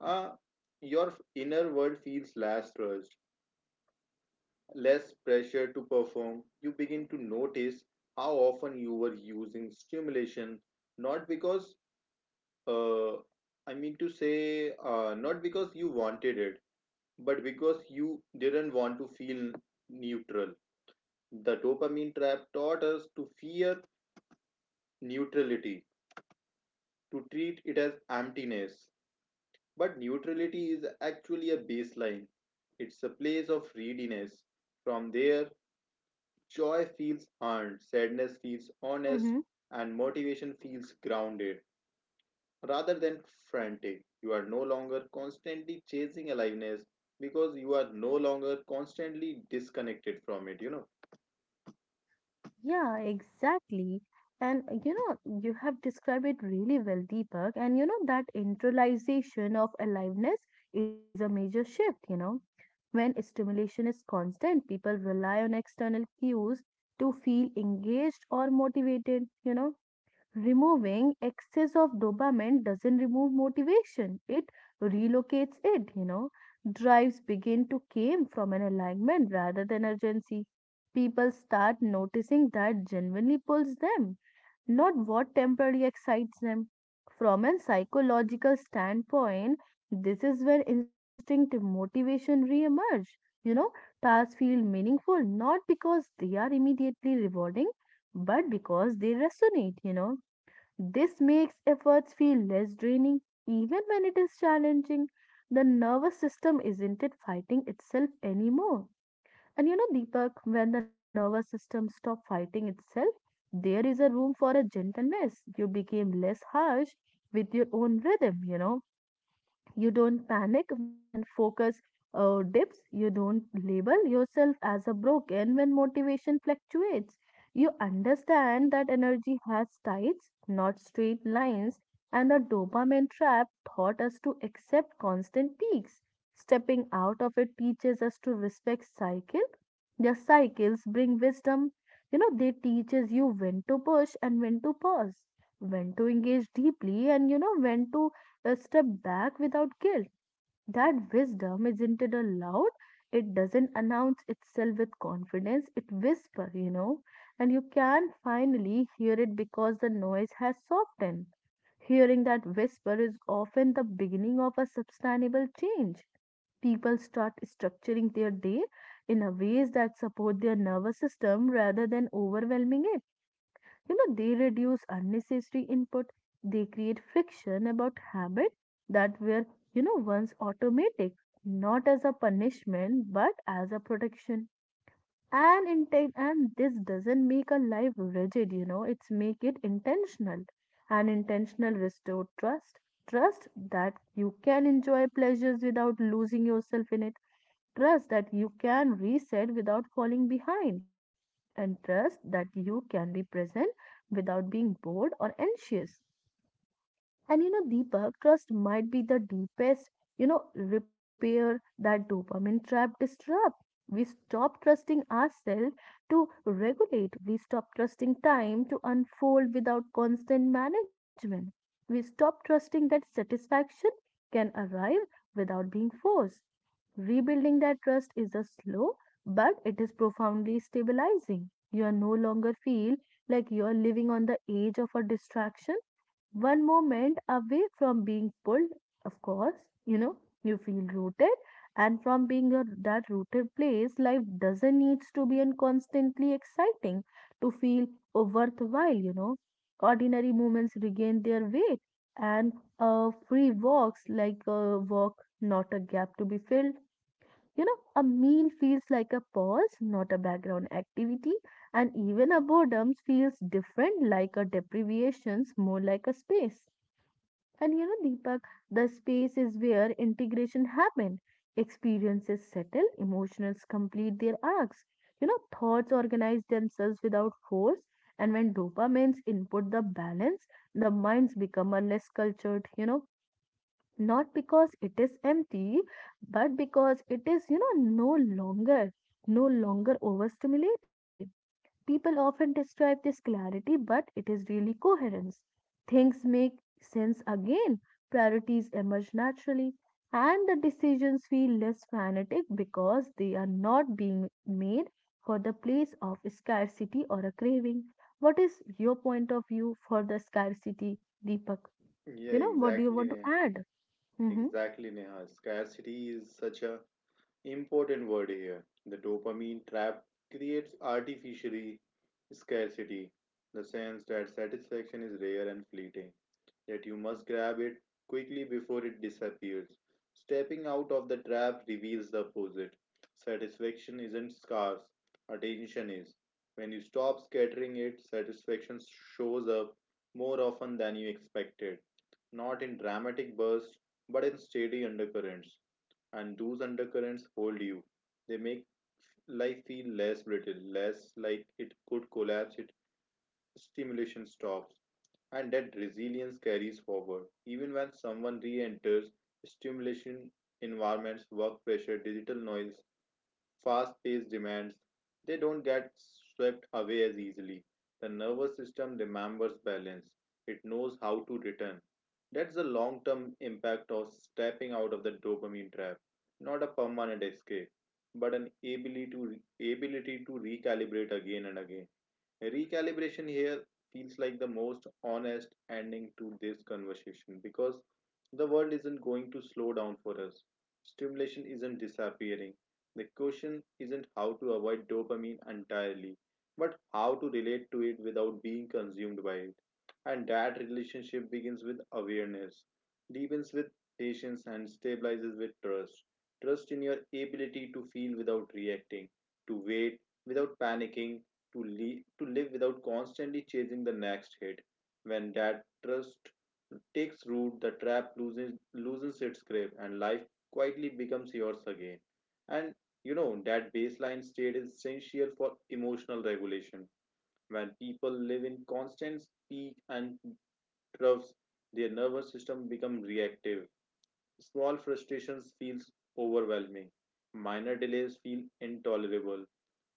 [SPEAKER 2] uh, your inner world feels less rushed, less pressure to perform. You begin to notice how often you were using stimulation, not because uh, not because you wanted it, but because you didn't want to feel neutral. The dopamine trap taught us to fear neutrality, to treat it as emptiness. But neutrality is actually a baseline, it's a place of readiness. From there, joy feels earned, sadness feels
[SPEAKER 1] Mm-hmm.
[SPEAKER 2] honest, and motivation feels grounded rather than frantic. You are no longer constantly chasing aliveness because you are no longer constantly disconnected from it, you know.
[SPEAKER 1] Yeah, exactly. And you have described it really well, Deepak. And you know, that internalization of aliveness is a major shift, you know. When stimulation is constant, people rely on external cues to feel engaged or motivated, you know. Removing excess of dopamine doesn't remove motivation, it relocates it, you know. Drives begin to came from an alignment rather than urgency. People start noticing that genuinely pulls them, not what temporarily excites them. From a psychological standpoint, this is where instinctive motivation reemerge, you know. Tasks feel meaningful not because they are immediately rewarding, but because they resonate, you know. This makes efforts feel less draining even when it is challenging. The nervous system isn't it fighting itself anymore. And you know, Deepak, when the nervous system stops fighting itself, there is a room for a gentleness. You became less harsh with your own rhythm, you know. You don't panic when focus dips. You don't label yourself as a broken when motivation fluctuates. You understand that energy has tides, not straight lines, and the dopamine trap taught us to accept constant peaks. Stepping out of it teaches us to respect cycle. The cycles bring wisdom. You know, they teaches you when to push and when to pause, when to engage deeply, and you know when to a step back without guilt. That wisdom isn't it allowed? It doesn't announce itself with confidence, it whispers, you know, and you can finally hear it because the noise has softened. Hearing that whisper is often the beginning of a sustainable change. People start structuring their day in a ways that support their nervous system rather than overwhelming it, you know. They reduce unnecessary input, they create friction about habit that were, you know, once automatic, not as a punishment but as a protection. And this doesn't make a life rigid, you know, it's make it intentional. And intentional restore trust. Trust that you can enjoy pleasures without losing yourself in it. Trust that you can reset without falling behind. And trust that you can be present without being bored or anxious. And you know, Deepak, trust might be the deepest, you know, repair that dopamine trap disrupt. We stop trusting ourselves to regulate. We stop trusting time to unfold without constant management. We stop trusting that satisfaction can arrive without being forced. Rebuilding that trust is a slow, but it is profoundly stabilizing. You are no longer feel like you are living on the edge of a distraction, one moment away from being pulled, of course, you know, you feel rooted. And from that rooted place, life doesn't needs to be and constantly exciting to feel worthwhile, you know. Ordinary moments regain their weight, and free walks like a walk, not a gap to be filled, you know, a meal feels like a pause, not a background activity, and even a boredom feels different, like a deprivations, more like a space. And you know, Deepak, the space is where integration happen. Experiences settle, emotions complete their arcs. You know, thoughts organize themselves without force, and when dopamines input the balance, the minds become a less cultured, you know, not because it is empty, but because it is, you know, no longer overstimulated. People often describe this clarity, but it is really coherence. Things make sense again, priorities emerge naturally, and the decisions feel less fanatic because they are not being made for the place of scarcity or a craving. What is your point of view for the scarcity, Deepak?
[SPEAKER 2] Yeah,
[SPEAKER 1] You know, what do you
[SPEAKER 2] exactly,
[SPEAKER 1] want to
[SPEAKER 2] Neha.
[SPEAKER 1] add? Mm-hmm.
[SPEAKER 2] Exactly, Neha. Scarcity is such a important word here. The dopamine trap creates artificially scarcity, the sense that satisfaction is rare and fleeting, that you must grab it quickly before it disappears. Stepping out of the trap reveals the opposite. Satisfaction isn't scarce, attention is. When you stop scattering it, satisfaction shows up more often than you expected, not in dramatic bursts, but in steady undercurrents. And those undercurrents hold you. They make life feel less brittle, less like it could collapse, it stimulation stops. And that resilience carries forward. Even when someone re enters stimulation environments, work pressure, digital noise, fast paced demands, they don't get swept away as easily. The nervous system remembers balance, it knows how to return. That's the long term impact of stepping out of the dopamine trap, not a permanent escape, but an ability to recalibrate again and again. Recalibration here feels like the most honest ending to this conversation because the world isn't going to slow down for us. Stimulation isn't disappearing. The question isn't how to avoid dopamine entirely, but how to relate to it without being consumed by it. And that relationship begins with awareness, deepens with patience, and stabilizes with trust. Trust in your ability to feel without reacting, to wait without panicking, to live without constantly chasing the next hit. When that trust takes root, loosens its grip and life quietly becomes yours again. And you know, that baseline state is essential for emotional regulation. When people live in constant peak and troughs, their nervous system becomes reactive. Small frustrations feels overwhelming. Minor delays feel intolerable.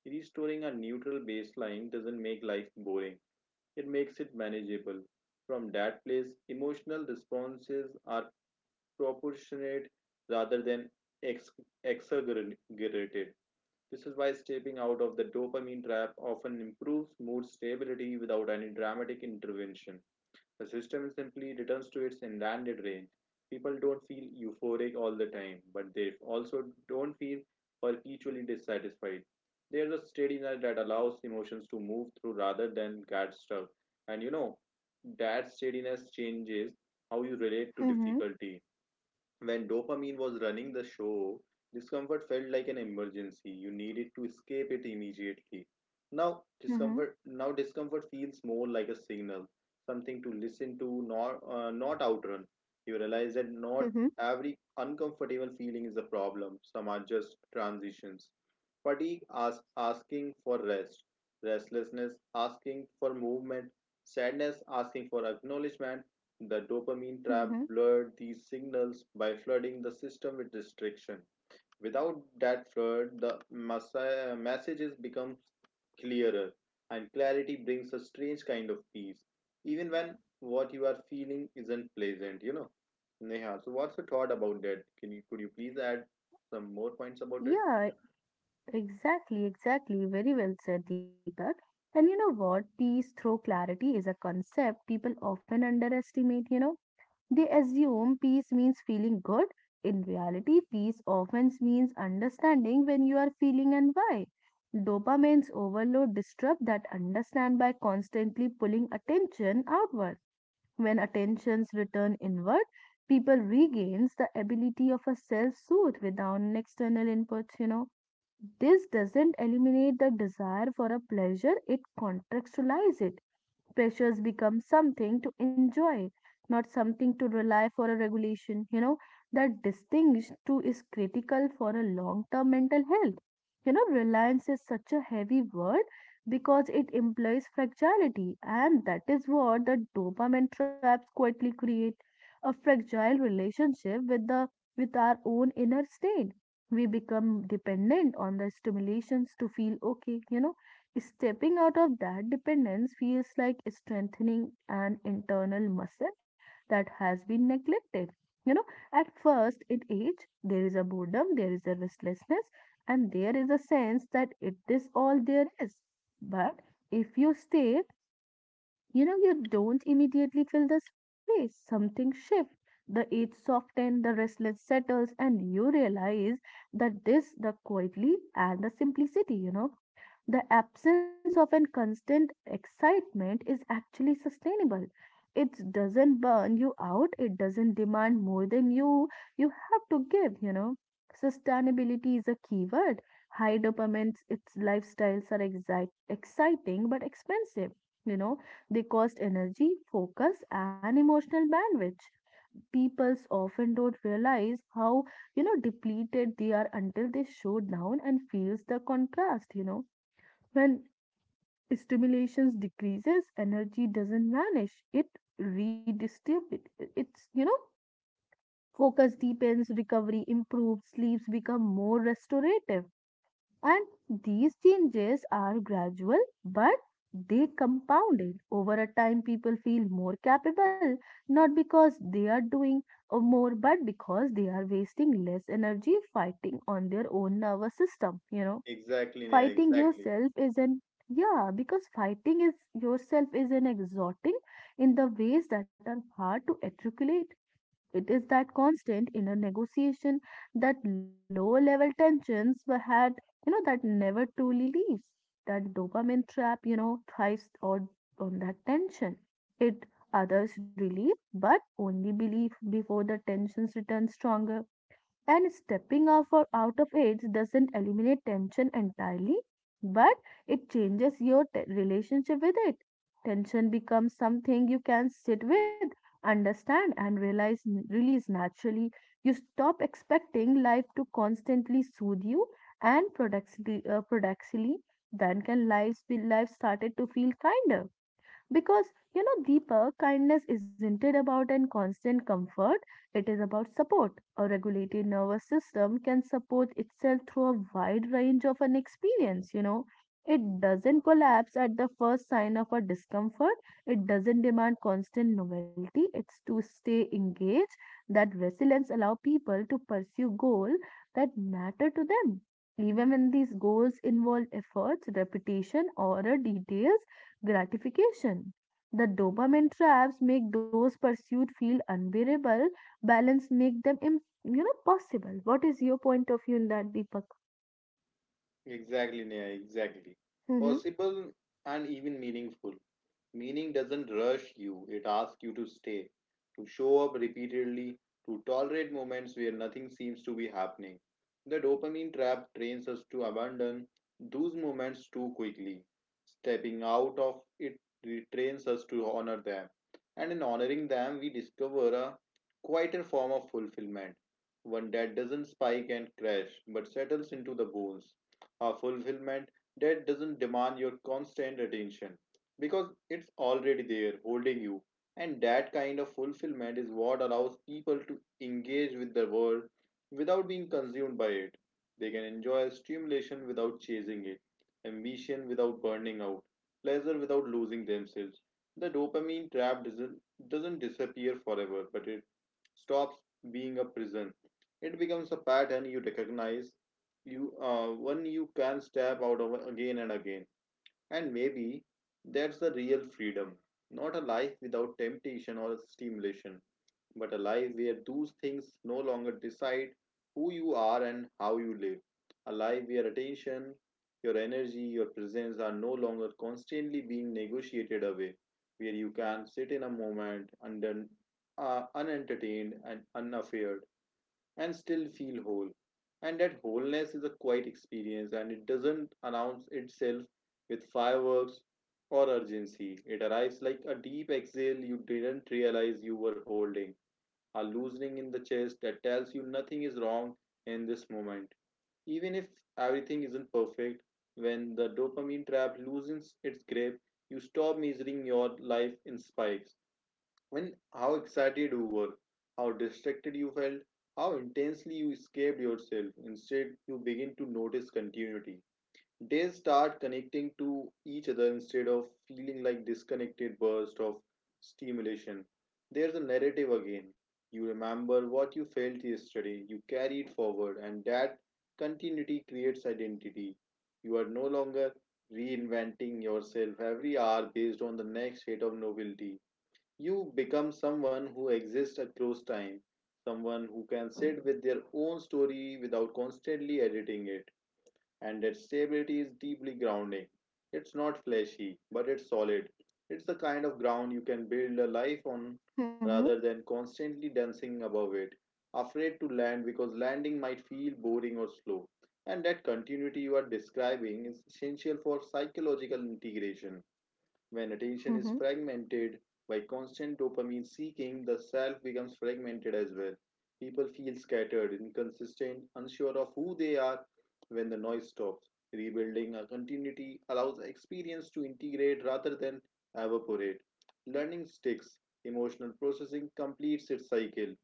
[SPEAKER 2] Restoring a neutral baseline doesn't make life boring, it makes it manageable. From that place, emotional responses are proportionate rather than ex- exaggerated. This is why stepping out of the dopamine trap often improves mood stability without any dramatic intervention. The system simply returns to its intended range. People don't feel euphoric all the time, but they also don't feel perpetually dissatisfied. There's a steadiness that allows emotions to move through rather than get stuck. And you know, that steadiness changes how you relate to
[SPEAKER 1] Mm-hmm,
[SPEAKER 2] difficulty. When dopamine was running the show, discomfort felt like an emergency. You needed to escape it immediately.
[SPEAKER 1] mm-hmm,
[SPEAKER 2] Now discomfort feels more like a signal, something to listen to, not outrun. You realize that not
[SPEAKER 1] mm-hmm,
[SPEAKER 2] every uncomfortable feeling is a problem. Some are just transitions. Fatigue as asking for rest, restlessness asking for movement, sadness asking for acknowledgement. The dopamine
[SPEAKER 1] mm-hmm.
[SPEAKER 2] trap blurred these signals by flooding the system with restriction. Without that flood, the messages become clearer, and clarity brings a strange kind of peace, even when what you are feeling isn't pleasant. Neha, so what's your thought about that? Can you could you please add some more points about it?
[SPEAKER 1] Yeah, exactly, exactly. Very well said, Deepak. And you know what? Peace through clarity is a concept people often underestimate, you know. They assume peace means feeling good. In reality, peace often means understanding when you are feeling and why. Dopamine's overload disrupts that understand by constantly pulling attention outward. When attentions return inward, people regains the ability of a self-soothe without an external input, you know. This doesn't eliminate the desire for a pleasure, it contextualizes it. Pressures become something to enjoy, not something to rely for a regulation. You know, that distinction too is critical for a long term mental health. You know, reliance is such a heavy word because it implies fragility, and that is what the dopamine traps quietly create, a fragile relationship with the with our own inner state. We become dependent on the stimulations to feel okay, you know. Stepping out of that dependence feels like strengthening an internal muscle that has been neglected. You know, at first, in age, there is a boredom, there is a restlessness, and there is a sense that it is all there is. But if you stay, you know, you don't immediately fill the space. Something shifts. The edge softens, the restless settles, and you realize that this, the quietly and the simplicity, you know, the absence of an constant excitement is actually sustainable. It doesn't burn you out, it doesn't demand more than you have to give, you know. Sustainability is a key word. High dopamine its lifestyles are exciting but expensive, you know, they cost energy, focus, and emotional bandwidth. Peoples often don't realize how, you know, depleted they are until they show down and feels the contrast, you know. When stimulations decreases, energy doesn't vanish. It redistributes. It's, you know, focus deepens, recovery improves, sleeps become more restorative. And these changes are gradual, but they compounded over a time. People feel more capable, not because they are doing more, but because they are wasting less energy fighting on their own nervous system. You know,
[SPEAKER 2] Exactly, Neha,
[SPEAKER 1] fighting
[SPEAKER 2] exactly.
[SPEAKER 1] yourself is an yeah, because fighting is yourself is an exhorting in the ways that are hard to articulate. It is that constant inner negotiation, that low level tensions were had, you know, that never truly leaves. That dopamine trap, you know, thrives on that tension. It others relief, but only belief before the tensions return stronger. And stepping off or out of age doesn't eliminate tension entirely, but it changes your relationship with it. Tension becomes something you can sit with, understand, and realize release naturally. You stop expecting life to constantly soothe you, and paradoxically, then can life started to feel kinder because, you know, Deepak, kindness isn't it about an constant comfort, it is about support. A regulated nervous system can support itself through a wide range of an experience, you know. It doesn't collapse at the first sign of a discomfort. It doesn't demand constant novelty. It's to stay engaged. That resilience allow people to pursue goals that matter to them. Even when these goals involve efforts, repetition, or details gratification. The dopamine traps make those pursuits feel unbearable. Balance make them, you know, possible. What is your point of view in that, Deepak?
[SPEAKER 2] Exactly, Neha, exactly.
[SPEAKER 1] Mm-hmm.
[SPEAKER 2] Possible and even meaningful. Meaning doesn't rush you, it asks you to stay, to show up repeatedly, to tolerate moments where nothing seems to be happening. The dopamine trap trains us to abandon those moments too quickly. Stepping out of it trains us to honor them. And in honoring them, we discover a quieter form of fulfillment, one that doesn't spike and crash but settles into the bones. A fulfillment that doesn't demand your constant attention because it's already there holding you. And that kind of fulfillment is what allows people to engage with the world without being consumed by it. They can enjoy stimulation without chasing it, ambition without burning out, pleasure without losing themselves. The dopamine trap doesn't disappear forever, but it stops being a prison. It becomes a pattern you recognize, you one you can step out of again and again, and maybe that's the real freedom, not a life without temptation or stimulation, but a life where those things no longer decide who you are and how you live. A life where attention, your energy, your presence are no longer constantly being negotiated away, where you can sit in a moment under, unentertained and unaffaired, and still feel whole. And that wholeness is a quiet experience, and it doesn't announce itself with fireworks or urgency. It arrives like a deep exhale you didn't realize you were holding, a loosening in the chest that tells you nothing is wrong in this moment. Even if everything isn't perfect, when the dopamine trap loosens its grip, you stop measuring your life in spikes, when how excited you were, how distracted you felt, how intensely you escaped yourself. Instead, you begin to notice continuity. Days start connecting to each other instead of feeling like disconnected bursts of stimulation. There's a narrative again. You remember what you felt yesterday, you carry it forward, and that continuity creates identity. You are no longer reinventing yourself every hour based on the next hit of novelty. You become someone who exists across time, someone who can sit with their own story without constantly editing it, and that stability is deeply grounding. It's not flashy, but it's solid. It's the kind of ground you can build a life on
[SPEAKER 1] Mm-hmm.
[SPEAKER 2] rather than constantly dancing above it, afraid to land because landing might feel boring or slow. And that continuity you are describing is essential for psychological integration when attention is
[SPEAKER 1] Mm-hmm.
[SPEAKER 2] fragmented by constant dopamine seeking, the self becomes fragmented as well. People feel scattered, inconsistent, unsure of who they are when the noise stops. Rebuilding a continuity allows experience to integrate rather than evaporate. Learning sticks, emotional processing completes its cycle.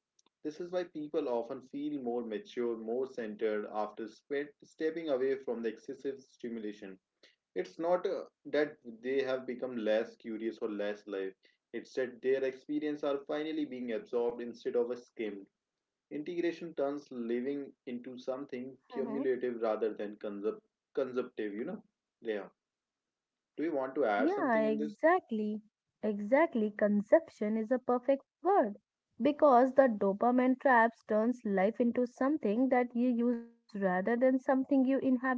[SPEAKER 2] This is why people often feel more mature, more centered after stepping away from the excessive stimulation. It's not That they have become less curious or less live. It's that their experience are finally being absorbed instead of skimmed. Integration turns living into something
[SPEAKER 1] Mm-hmm.
[SPEAKER 2] cumulative rather than consumptive, you know? Yeah. Do you want to add
[SPEAKER 1] Yeah,
[SPEAKER 2] something in this?
[SPEAKER 1] exactly. Exactly. Conception is a perfect word because the dopamine traps turns life into something that you use rather than something you inhabit.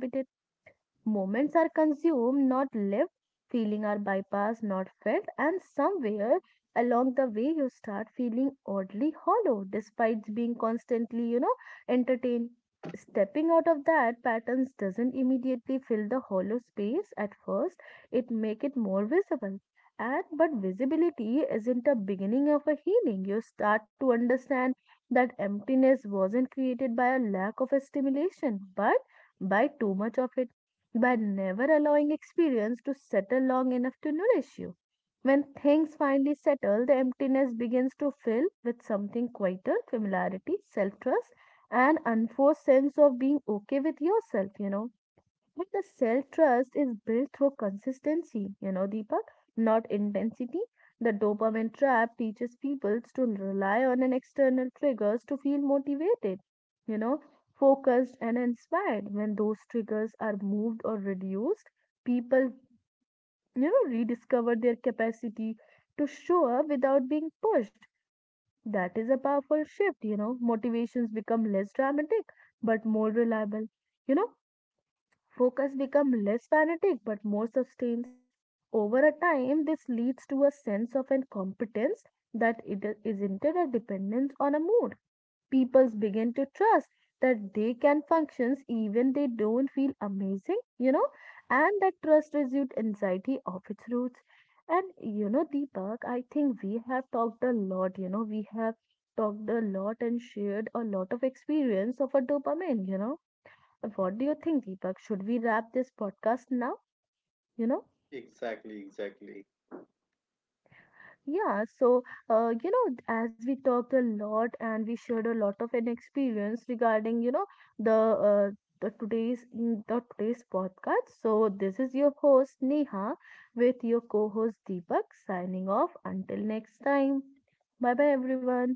[SPEAKER 1] Moments are consumed, not lived. Feeling are bypassed, not felt. And somewhere along the way, you start feeling oddly hollow despite being constantly, you know, entertained. Stepping out of that patterns doesn't immediately fill the hollow space at first. It make it more visible. And but visibility isn't a beginning of a healing. You start to understand that emptiness wasn't created by a lack of a stimulation, but by too much of it, by never allowing experience to settle long enough to nourish you. When things finally settle, the emptiness begins to fill with something quieter familiarity, self trust, and unforced sense of being okay with yourself, you know. And the self trust is built through consistency, you know, Deepak, not intensity. The dopamine trap teaches people to rely on an external triggers to feel motivated, you know, focused and inspired. When those triggers are moved or reduced, people, you know, rediscover their capacity to show up without being pushed. That is a powerful shift, you know. Motivations become less dramatic but more reliable. You know, focus becomes less fanatic but more sustained. Over a time, this leads to a sense of incompetence that dependence on a mood. People begin to trust that they can function even they don't feel amazing, you know, and that trust resumed anxiety of its roots. And you know, Deepak, I think we have talked a lot, you know, we have talked a lot and shared a lot of experience of a dopamine, you know, what do you think, Deepak? Should we wrap this podcast now? You know?
[SPEAKER 2] Exactly, exactly.
[SPEAKER 1] Yeah, so, you know, as we talked a lot and we shared a lot of an experience regarding, you know, the, uh, the today's in the today's podcast. So this is your host Neha with your co-host Deepak signing off until next time. Bye bye everyone.